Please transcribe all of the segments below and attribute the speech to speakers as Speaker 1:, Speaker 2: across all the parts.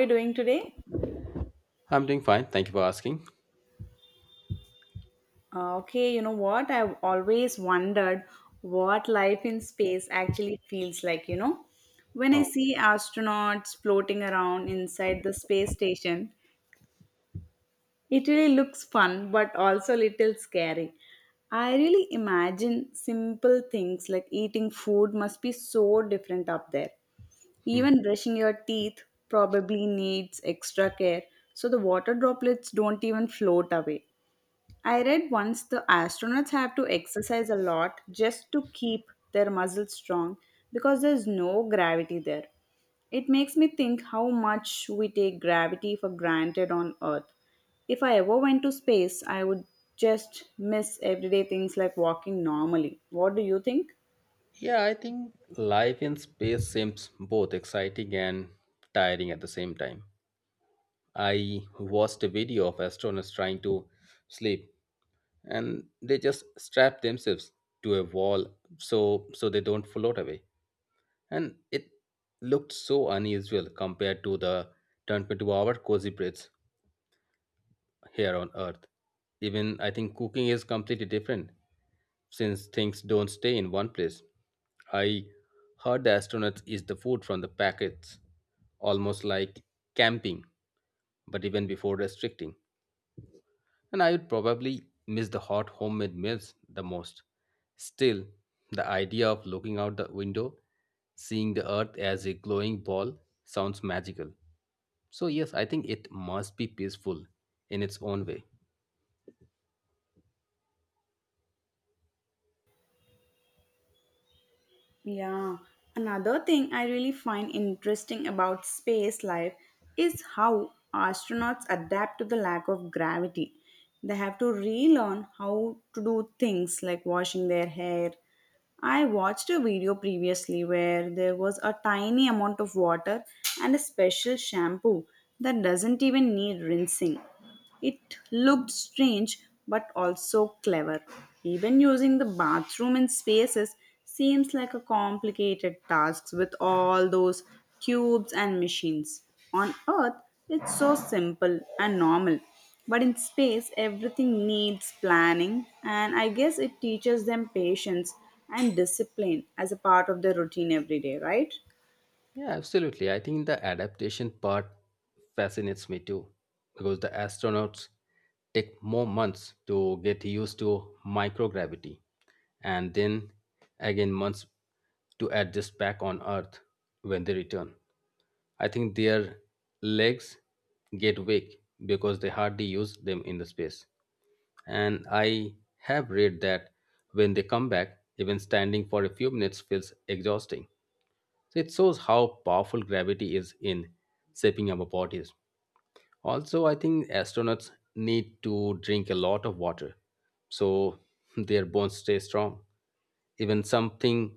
Speaker 1: You doing today?
Speaker 2: I'm doing fine. Thank you for asking.
Speaker 1: Okay, you know what? I've always wondered what life in space actually feels like, you know? When I
Speaker 2: Oh,
Speaker 1: see astronauts floating around inside the space station, it really looks fun but also little scary. I really imagine simple things like eating food must be so different up there.
Speaker 2: hmm.
Speaker 1: Even brushing your teeth probably needs extra care so the water droplets don't even float away. I read once the astronauts have to exercise a lot just to keep their muscles strong because there's no gravity there. It makes me think how much we take gravity for granted on Earth. If I ever went to space, I would just miss everyday things like walking normally. What do you think?
Speaker 2: Yeah, I think life in space seems both exciting and tiring at the same time. I watched a video of astronauts trying to sleep, and they just strap themselves to a wall so they don't float away. And it looked so unusual compared to the 22-hour cozy breaths here on Earth. Even I think cooking is completely different since things don't stay in one place. I heard the astronauts eat the food from the packets, almost like camping, but even before restricting. And I would probably miss the hot homemade meals the most. Still, the idea of looking out the window seeing the Earth as a glowing ball sounds magical. So yes, I think it must be peaceful in its own way.
Speaker 1: Yeah, another thing I really find interesting about space life is how astronauts adapt to the lack of gravity. They have to relearn how to do things like washing their hair. I watched a video previously where there was a tiny amount of water and a special shampoo that doesn't even need rinsing. It looked strange but also clever. Even using the bathroom in spaces seems like a complicated task with all those tubes and machines. On Earth, it's so simple and normal. But in space, everything needs planning, and I guess it teaches them patience and discipline as a part of their routine every day, right?
Speaker 2: Yeah, absolutely. I think the adaptation part fascinates me too, because the astronauts take more months to get used to microgravity and then again months to adjust back on Earth when they return. I think their legs get weak because they hardly use them in the space. And I have read that when they come back, even standing for a few minutes feels exhausting. So it shows how powerful gravity is in shaping our bodies. Also, I think astronauts need to drink a lot of water so their bones stay strong. Even something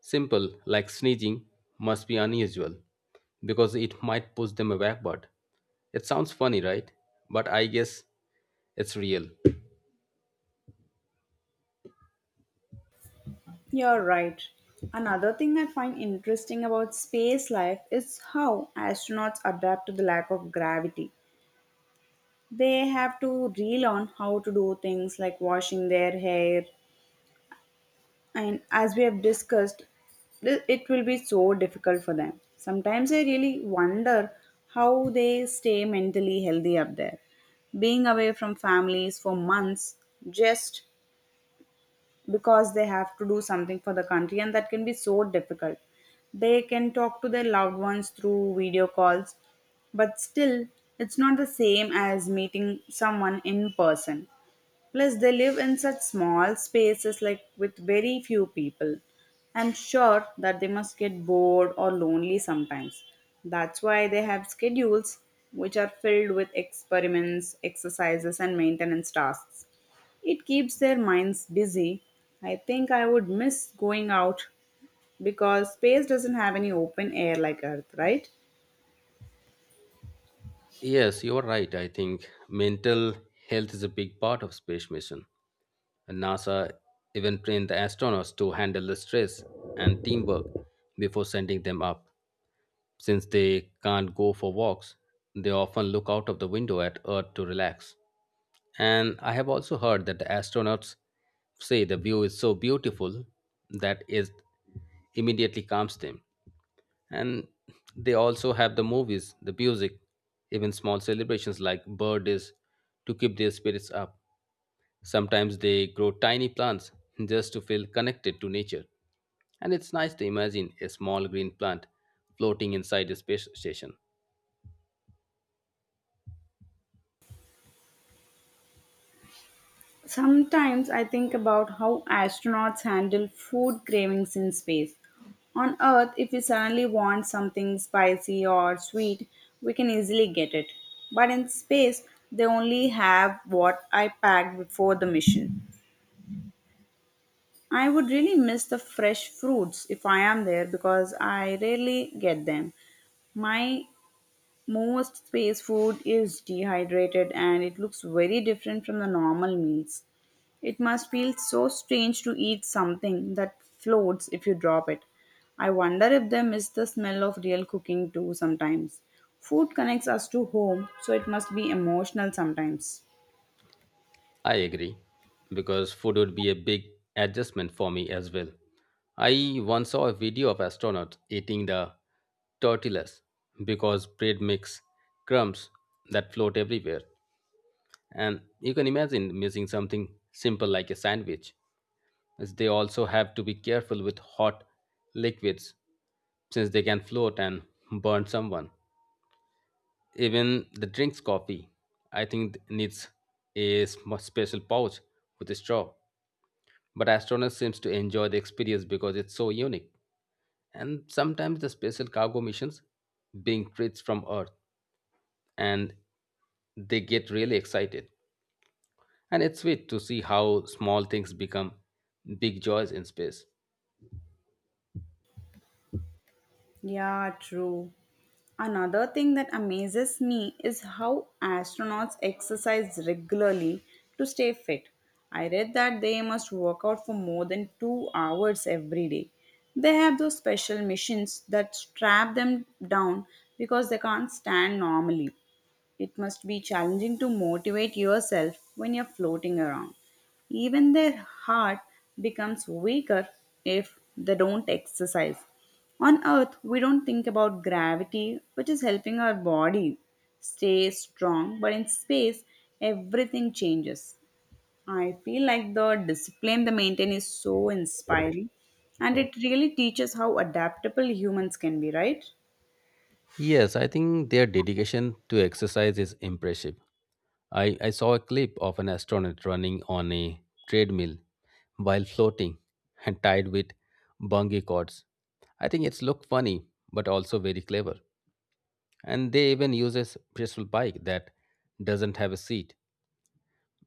Speaker 2: simple like sneezing must be unusual because it might push them backward. It sounds funny, right? But I guess it's real.
Speaker 1: You're right. Another thing I find interesting about space life is how astronauts adapt to the lack of gravity. They have to relearn how to do things like washing their hair, and as we have discussed, it will be so difficult for them. Sometimes I really wonder how they stay mentally healthy up there. Being away from families for months just because they have to do something for the country, and that can be so difficult. They can talk to their loved ones through video calls, but still it's not the same as meeting someone in person. Plus they live in such small spaces, like with very few people. I'm sure that they must get bored or lonely sometimes. That's why they have schedules which are filled with experiments, exercises and maintenance tasks. It keeps their minds busy. I think I would miss going out because space doesn't have any open air like Earth, right?
Speaker 2: Yes, you're right. I think mental health is a big part of space mission. And NASA even trained the astronauts to handle the stress and teamwork before sending them up. Since they can't go for walks, they often look out of the window at Earth to relax. And I have also heard that the astronauts say the view is so beautiful that it immediately calms them. And they also have the movies, the music, even small celebrations like birthdays to keep their spirits up. Sometimes they grow tiny plants just to feel connected to nature. And it's nice to imagine a small green plant floating inside a space station.
Speaker 1: Sometimes I think about how astronauts handle food cravings in space. On Earth, if we suddenly want something spicy or sweet, we can easily get it. But in space, they only have what I packed before the mission. I would really miss the fresh fruits if I am there because I rarely get them. My most space food is dehydrated and it looks very different from the normal meals. It must feel so strange to eat something that floats if you drop it. I wonder if they miss the smell of real cooking too sometimes. Food connects us to home, so it must be emotional sometimes.
Speaker 2: I agree, because food would be a big adjustment for me as well. I once saw a video of astronauts eating the tortillas because bread makes crumbs that float everywhere. And you can imagine missing something simple like a sandwich, as they also have to be careful with hot liquids since they can float and burn someone. Even the drinks coffee, I think needs a special pouch with a straw. But astronauts seems to enjoy the experience because it's so unique. And sometimes the special cargo missions being treats from Earth, and they get really excited. And it's sweet to see how small things become big joys in space.
Speaker 1: Yeah, true. Another thing that amazes me is how astronauts exercise regularly to stay fit. I read that they must work out for more than 2 hours every day. They have those special machines that strap them down because they can't stand normally. It must be challenging to motivate yourself when you're floating around. Even their heart becomes weaker if they don't exercise. On earth, we don't think about gravity, which is helping our body stay strong, but in space, everything changes. I feel like the discipline they maintain is so inspiring and it really teaches how adaptable humans can be, right?
Speaker 2: Yes, I think their dedication to exercise is impressive. I saw a clip of an astronaut running on a treadmill while floating and tied with bungee cords. I think it's looked funny but also very clever. And they even use a petrol bike that doesn't have a seat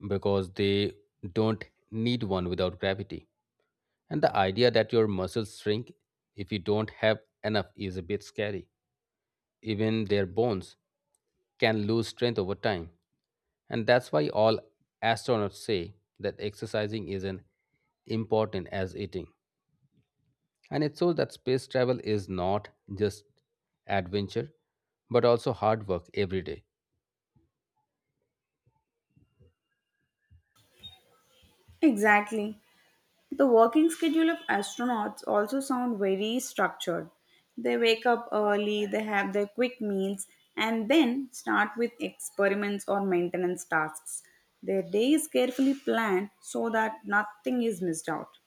Speaker 2: because they don't need one without gravity. And the idea that your muscles shrink if you don't have enough is a bit scary. Even their bones can lose strength over time. And that's why all astronauts say that exercising isn't important as eating. And it shows that space travel is not just adventure, but also hard work every day.
Speaker 1: Exactly. The working schedule of astronauts also sound very structured. They wake up early, they have their quick meals, and then start with experiments or maintenance tasks. Their day is carefully planned so that nothing is missed out.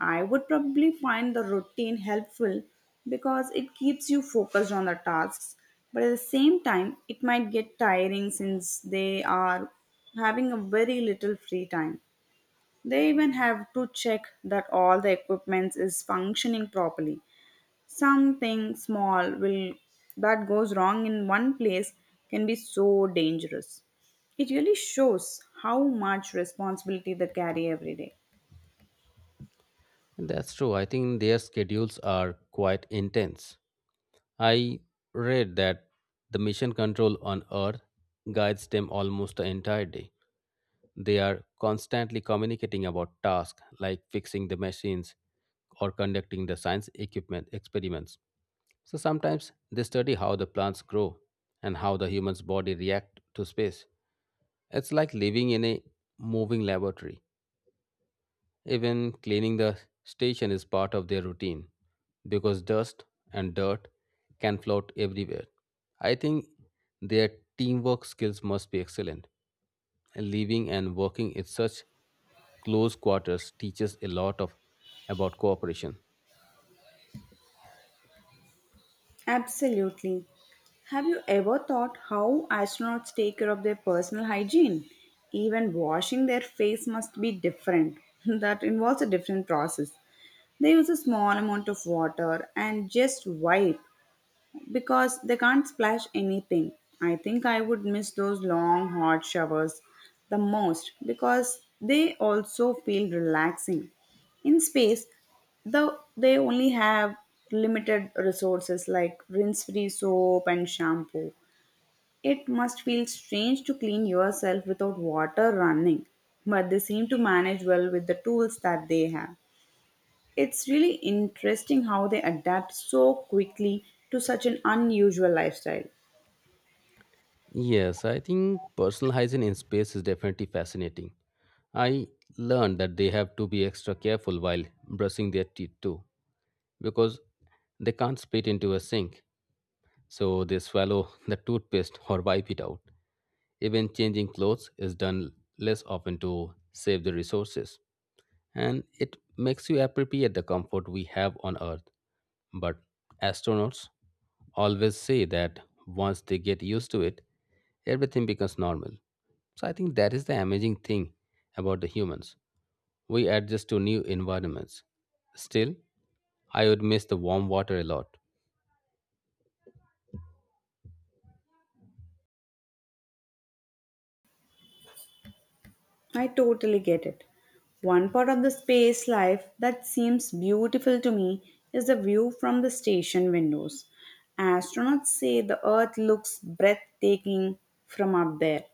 Speaker 1: I would probably find the routine helpful because it keeps you focused on the tasks, but at the same time, it might get tiring since they are having a very little free time. They even have to check that all the equipment is functioning properly. Something small will that goes wrong in one place can be so dangerous. It really shows how much responsibility they carry every day.
Speaker 2: And that's true. I think their schedules are quite intense. I read that the mission control on Earth guides them almost the entire day. They are constantly communicating about tasks like fixing the machines or conducting the science equipment experiments. So sometimes they study how the plants grow and how the human's body react to space. It's like living in a moving laboratory. Even cleaning the station is part of their routine because dust and dirt can float everywhere. I think their teamwork skills must be excellent. Living and working in such close quarters teaches a lot of about cooperation.
Speaker 1: Absolutely. Have you ever thought how astronauts take care of their personal hygiene? Even washing their face must be different. that involves a different process. They use a small amount of water and just wipe because they can't splash anything. I think I would miss those long hot showers the most because they also feel relaxing. In space, though they only have limited resources like rinse-free soap and shampoo. It must feel strange to clean yourself without water running, but they seem to manage well with the tools that they have. It's really interesting how they adapt so quickly to such an unusual lifestyle.
Speaker 2: Yes, I think personal hygiene in space is definitely fascinating. I learned that they have to be extra careful while brushing their teeth too, because they can't spit into a sink, so they swallow the toothpaste or wipe it out. Even changing clothes is done less often to save the resources, and it makes you appreciate the comfort we have on Earth. But astronauts always say that once they get used to it, everything becomes normal. So I think that is the amazing thing about the humans. We adjust to new environments. Still, I would miss the warm water a lot.
Speaker 1: I totally get it. One part of the space life that seems beautiful to me is the view from the station windows. Astronauts say the Earth looks breathtaking from up there.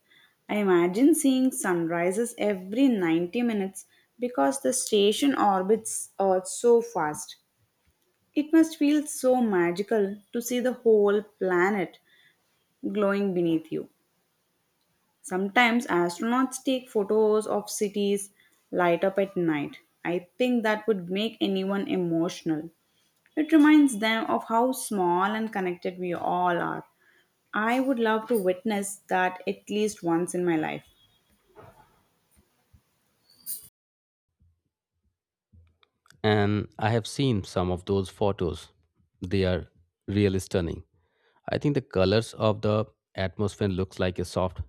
Speaker 1: I imagine seeing sunrises every 90 minutes because the station orbits Earth so fast. It must feel so magical to see the whole planet glowing beneath you. Sometimes astronauts take photos of cities light up at night. I think that would make anyone emotional. It reminds them of how small and connected we all are. I would love to witness that at least once in my life.
Speaker 2: And I have seen some of those photos. They are really stunning. I think the colors of the atmosphere looks like a soft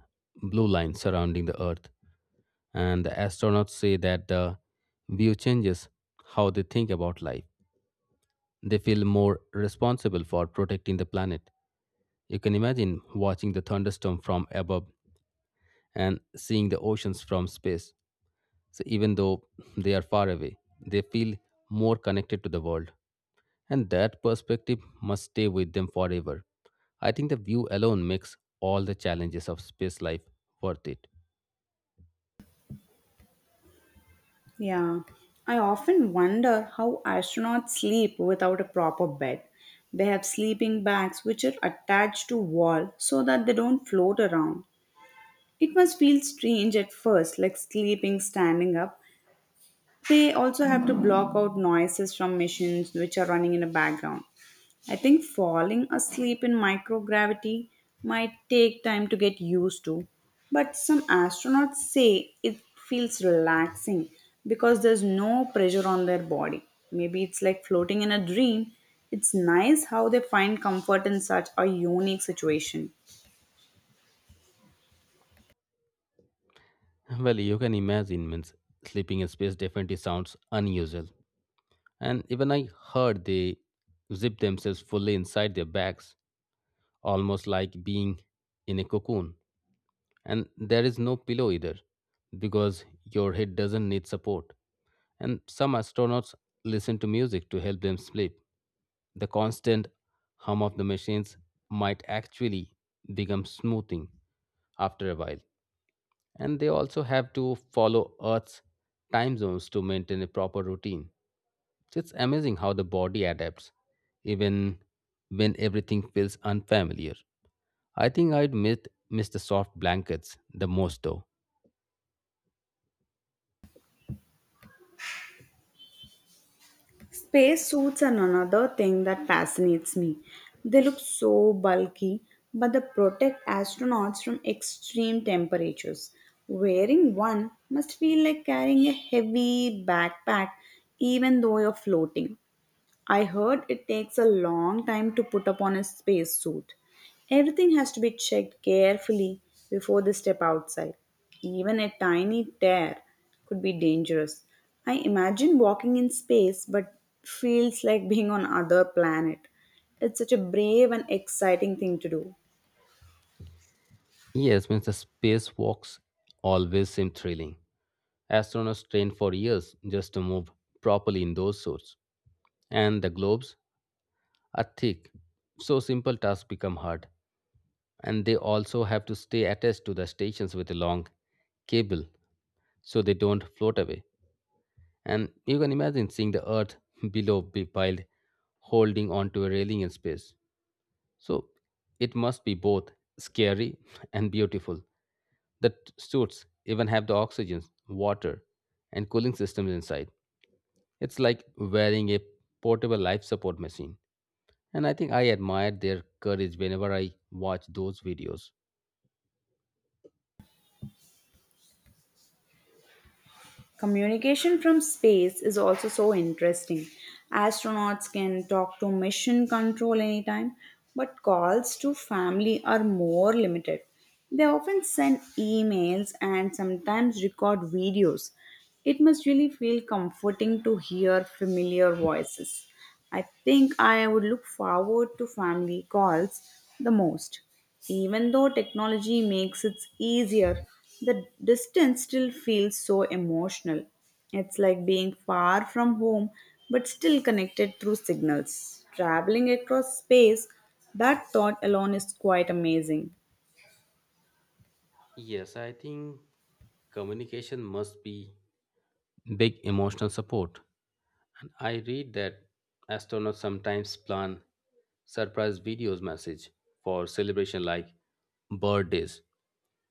Speaker 2: blue line surrounding the Earth. And the astronauts say that the view changes how they think about life. They feel more responsible for protecting the planet. You can imagine watching the thunderstorm from above and seeing the oceans from space. So, even though they are far away, they feel more connected to the world. And that perspective must stay with them forever. I think the view alone makes all the challenges of space life worth it.
Speaker 1: Yeah. I often wonder how astronauts sleep without a proper bed. They have sleeping bags which are attached to wall so that they don't float around. It must feel strange at first, like sleeping standing up. They also have to block out noises from machines which are running in the background. I think falling asleep in microgravity might take time to get used to, but some astronauts say it feels relaxing because there's no pressure on their body. Maybe it's like floating in a dream. It's nice how they find comfort in such a unique situation.
Speaker 2: Well, you can imagine, means sleeping in space definitely sounds unusual. And even I heard they zip themselves fully inside their bags, almost like being in a cocoon. And there is no pillow either, because your head doesn't need support. And some astronauts listen to music to help them sleep. The constant hum of the machines might actually become smoothing after a while, and they also have to follow Earth's time zones to maintain a proper routine. It's amazing how the body adapts, even when everything feels unfamiliar. I think I'd miss the soft blankets the most though.
Speaker 1: Spacesuits are another thing that fascinates me. They look so bulky, but they protect astronauts from extreme temperatures. Wearing one must feel like carrying a heavy backpack, even though you're floating. I heard it takes a long time to put upon a spacesuit. Everything has to be checked carefully before they step outside. Even a tiny tear could be dangerous. I imagine walking in space but feels like being on other planet. It's such a brave and exciting thing to do.
Speaker 2: Yes, means the spacewalks always seem thrilling. Astronauts train for years just to move properly in those suits. And the globes are thick, so simple tasks become hard. And they also have to stay attached to the stations with a long cable so they don't float away. And you can imagine seeing the earth below be piled holding onto a railing in space. So it must be both scary and beautiful. The suits even have the oxygen, water, and cooling systems inside. It's like wearing a portable life support machine. And I think I admire their courage whenever I watch those videos.
Speaker 1: Communication from space is also so interesting. Astronauts can talk to mission control anytime, but calls to family are more limited. They often send emails and sometimes record videos. It must really feel comforting to hear familiar voices. I think I would look forward to family calls the most. Even though technology makes it easier, the distance still feels so emotional. It's like being far from home but still connected through signals. Traveling across space, that thought alone is quite amazing.
Speaker 2: Yes, I think communication must be big emotional support. And I read that astronauts sometimes plan surprise videos message for celebration like birthdays.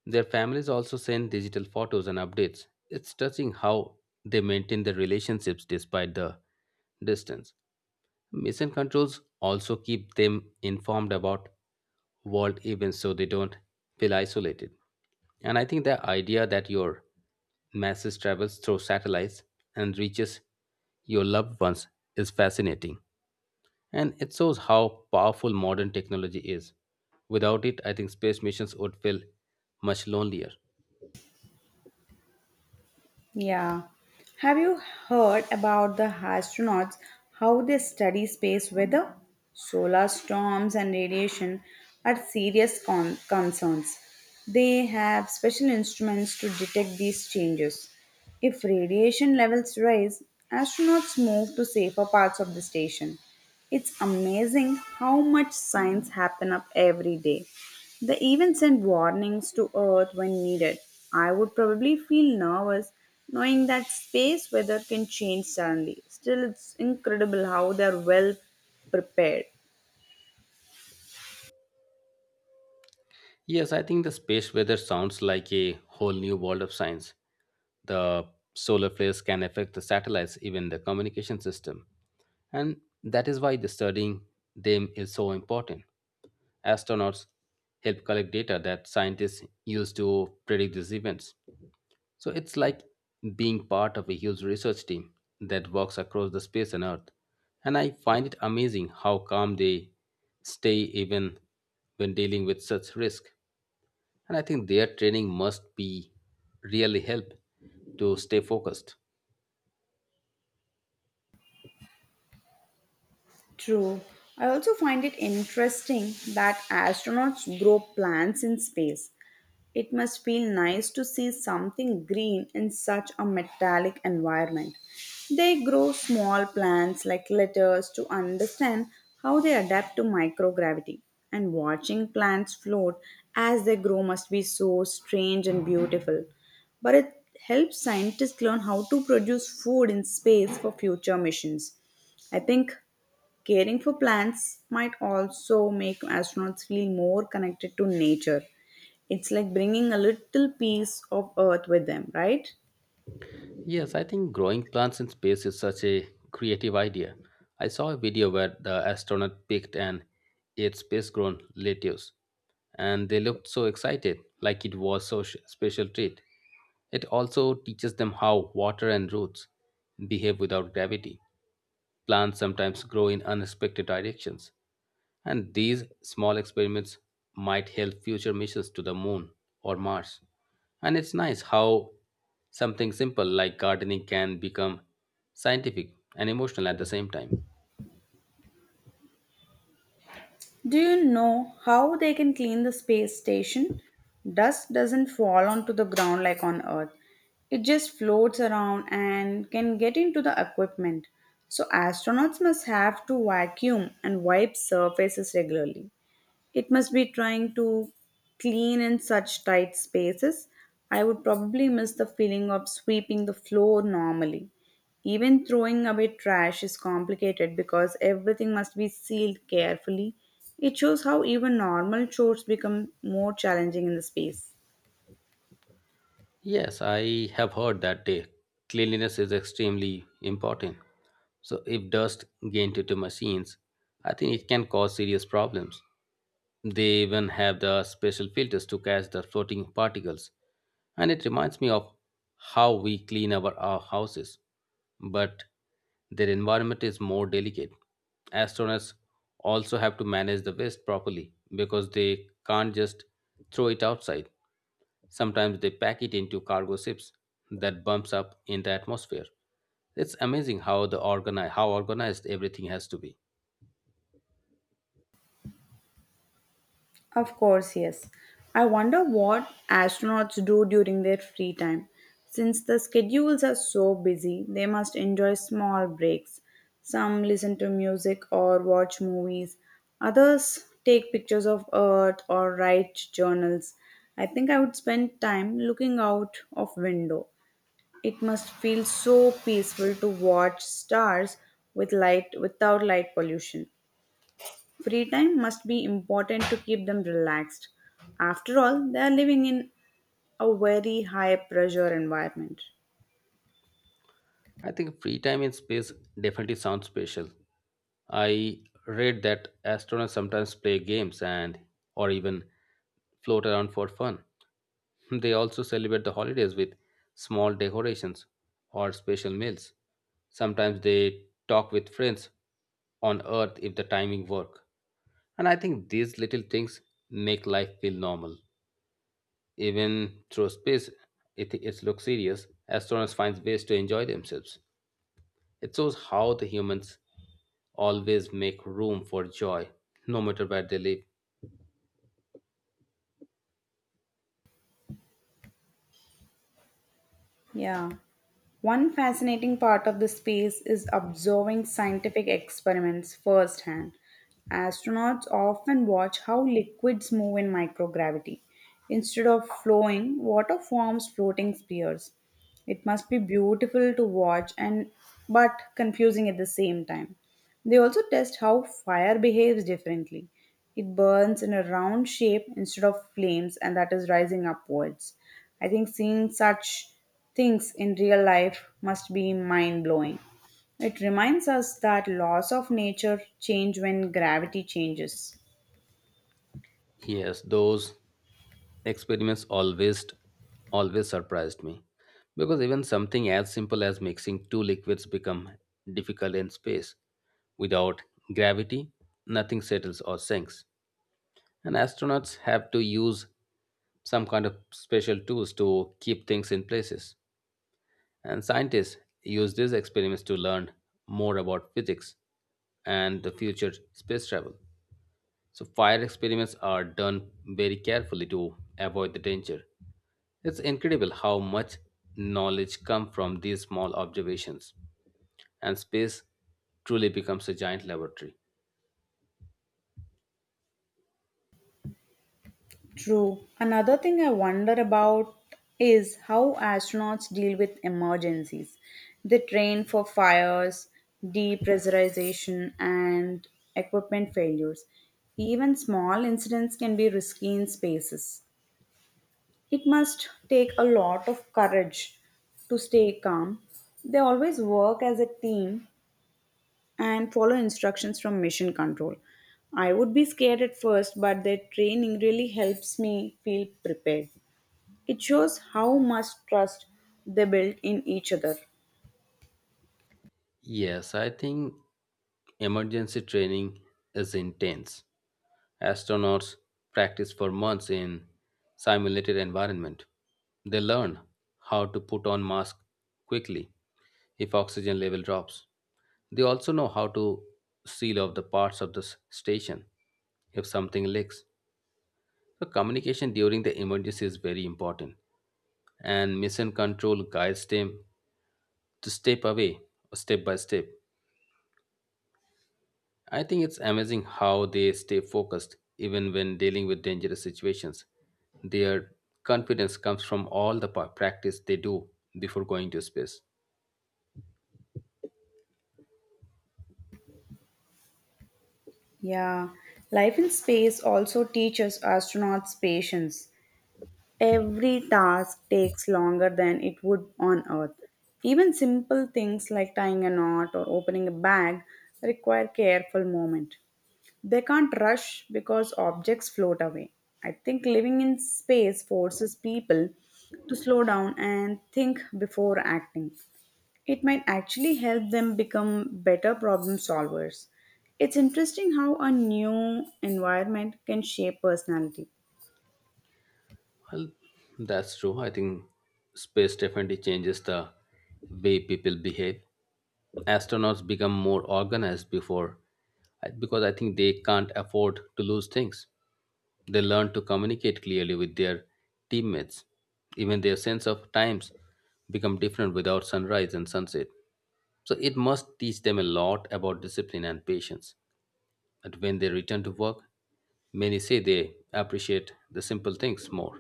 Speaker 2: Their families also send digital photos and updates. It's touching how they maintain their relationships despite the distance. Mission controls also keep them informed about world events so they don't feel isolated. And I think the idea that your message travels through satellites and reaches your loved ones is fascinating. And it shows how powerful modern technology is. Without it, I think space missions would feel much lonelier.
Speaker 1: Yeah. Have you heard about the astronauts, how they study space weather? Solar storms and radiation are serious concerns. They have special instruments to detect these changes. If radiation levels rise, astronauts move to safer parts of the station. It's amazing how much science happen up every day. They even send warnings to Earth when needed. I would probably feel nervous knowing that space weather can change suddenly. Still, it's incredible how they're well prepared.
Speaker 2: Yes, I think the space weather sounds like a whole new world of science. The solar flares can affect the satellites, even the communication system. And that is why the studying them is so important. Astronauts help collect data that scientists use to predict these events. So it's like being part of a huge research team that works across the space and Earth. And I find it amazing how calm they stay even when dealing with such risk. And I think their training must be really help to stay focused.
Speaker 1: True. I also find it interesting that astronauts grow plants in space. It must feel nice to see something green in such a metallic environment. They grow small plants like lettuce to understand how they adapt to microgravity. And watching plants float as they grow must be so strange and beautiful. But it helps scientists learn how to produce food in space for future missions. I think caring for plants might also make astronauts feel more connected to nature. It's like bringing a little piece of Earth with them, right?
Speaker 2: Yes, I think growing plants in space is such a creative idea. I saw a video where the astronaut picked and ate space grown lettuce, and they looked so excited, like it was so special treat. It also teaches them how water and roots behave without gravity. Plants sometimes grow in unexpected directions, and these small experiments might help future missions to the moon or Mars. And it's nice how something simple like gardening can become scientific and emotional at the same time.
Speaker 1: Do you know how they can clean the space station? Dust doesn't fall onto the ground like on Earth. It just floats around and can get into the equipment. So astronauts must have to vacuum and wipe surfaces regularly. It must be trying to clean in such tight spaces. I would probably miss the feeling of sweeping the floor normally. Even throwing away trash is complicated because everything must be sealed carefully. It shows how even normal chores become more challenging in the space.
Speaker 2: Yes, I have heard that day. Cleanliness is extremely important. So if dust gets into machines, I think it can cause serious problems. They even have the special filters to catch the floating particles. And it reminds me of how we clean our houses. But their environment is more delicate. Astronauts also have to manage the waste properly because they can't just throw it outside. Sometimes they pack it into cargo ships that bumps up in the atmosphere. It's amazing how the how organized everything has to be.
Speaker 1: Of course, yes. I wonder what astronauts do during their free time. Since the schedules are so busy, they must enjoy small breaks. Some listen to music or watch movies. Others take pictures of Earth or write journals. I think I would spend time looking out of window. It must feel so peaceful to watch stars with light without light pollution. Free time must be important to keep them relaxed. After all, they are living in a very high pressure environment.
Speaker 2: I think free time in space definitely sounds special. I read that astronauts sometimes play games and or even float around for fun. They also celebrate the holidays with small decorations or special meals. Sometimes they talk with friends on earth if the timing work. And I think these little things make life feel normal. Even through space, it looks serious. Astronauts find ways to enjoy themselves. It shows how the humans always make room for joy, no matter where they live.
Speaker 1: Yeah. One fascinating part of the space is observing scientific experiments firsthand. Astronauts often watch how liquids move in microgravity. Instead of flowing, water forms floating spheres. It must be beautiful to watch and but confusing at the same time. They also test how fire behaves differently. It burns in a round shape instead of flames, and that is rising upwards. I think seeing such things in real life must be mind blowing. It reminds us that laws of nature change when gravity changes.
Speaker 2: Yes, those experiments always surprised me because even something as simple as mixing two liquids become difficult in space. Without gravity, nothing settles or sinks. And astronauts have to use some kind of special tools to keep things in places. And scientists use these experiments to learn more about physics and the future space travel. So fire experiments are done very carefully to avoid the danger. It's incredible how much knowledge comes from these small observations, and space truly becomes a giant laboratory.
Speaker 1: True. Another thing I wonder about is how astronauts deal with emergencies. They train for fires, depressurization, and equipment failures. Even small incidents can be risky in spaces. It must take a lot of courage to stay calm. They always work as a team and follow instructions from mission control. I would be scared at first, but their training really helps me feel prepared. It shows how much trust they built in each other.
Speaker 2: Yes, I think emergency training is intense. Astronauts practice for months in simulated environment. They learn how to put on mask quickly if oxygen level drops. They also know how to seal off the parts of the station if something leaks. So communication during the emergency is very important, and mission control guides them to step away step by step. I think it's amazing how they stay focused even when dealing with dangerous situations. Their confidence comes from all the practice they do before going to space.
Speaker 1: Yeah, life in space also teaches astronauts patience. Every task takes longer than it would on Earth. Even simple things like tying a knot or opening a bag require careful movement. They can't rush because objects float away. I think living in space forces people to slow down and think before acting. It might actually help them become better problem solvers. It's interesting how a new environment can shape personality.
Speaker 2: Well, that's true. I think space definitely changes the way people behave. Astronauts become more organized because I think they can't afford to lose things. They learn to communicate clearly with their teammates. Even their sense of times become different without sunrise and sunset. So it must teach them a lot about discipline and patience. And when they return to work, many say they appreciate the simple things more.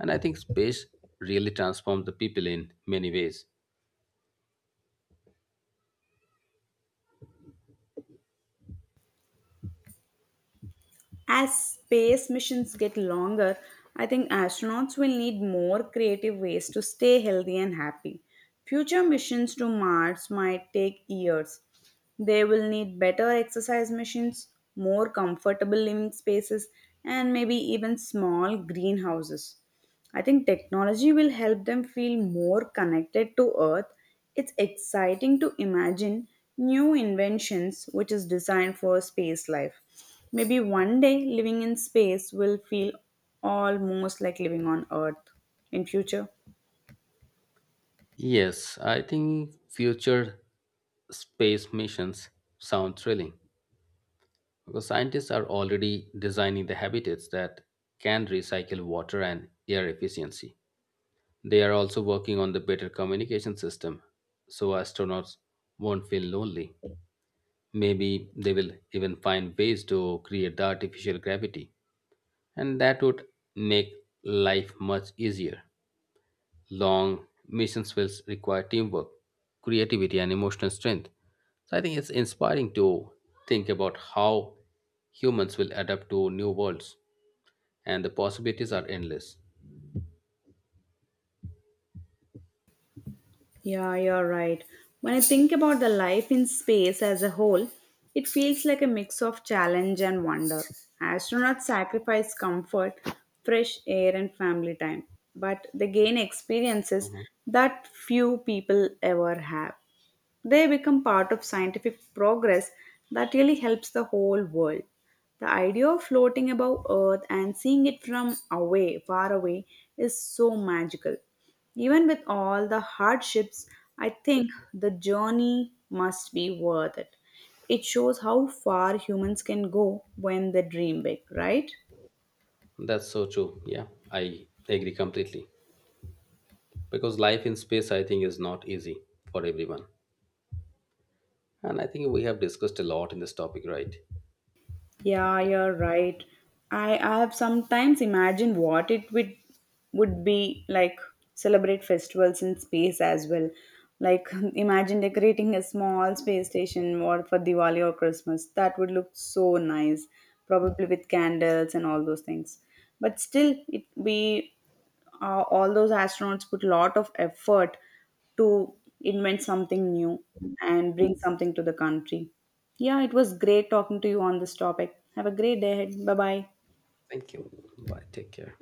Speaker 2: And I think space really transforms the people in many ways.
Speaker 1: As space missions get longer, I think astronauts will need more creative ways to stay healthy and happy. Future missions to Mars might take years. They will need better exercise machines, more comfortable living spaces, and maybe even small greenhouses. I think technology will help them feel more connected to Earth. It's exciting to imagine new inventions which is designed for space life. Maybe one day living in space will feel almost like living on Earth in future.
Speaker 2: Yes, I think future space missions sound thrilling because scientists are already designing the habitats that can recycle water and air efficiency. They are also working on the better communication system so astronauts won't feel lonely. Maybe they will even find ways to create the artificial gravity, and that would make life much easier. Long missions will require teamwork, creativity, and emotional strength. So I think it's inspiring to think about how humans will adapt to new worlds, and the possibilities are endless.
Speaker 1: Yeah, you're right. When I think about the life in space as a whole, it feels like a mix of challenge and wonder. Astronauts sacrifice comfort, fresh air, and family time, but they gain experiences that few people ever have. They become part of scientific progress that really helps the whole world. The idea of floating above Earth and seeing it from away, far away, is so magical. Even with all the hardships, I think the journey must be worth it. It shows how far humans can go when they dream big, right?
Speaker 2: That's so true. Yeah, I agree completely. Because life in space, I think, is not easy for everyone. And I think we have discussed a lot in this topic, right?
Speaker 1: Yeah, you're right. I have sometimes imagined what it would be like celebrate festivals in space as well. Like imagine decorating a small space station or for Diwali or Christmas. That would look so nice, probably with candles and all those things. But still, it we all those astronauts put a lot of effort to invent something new and bring something to the country. Yeah, it was great talking to you on this topic. Have a great day ahead. Bye bye.
Speaker 2: Thank you. Bye. Take care.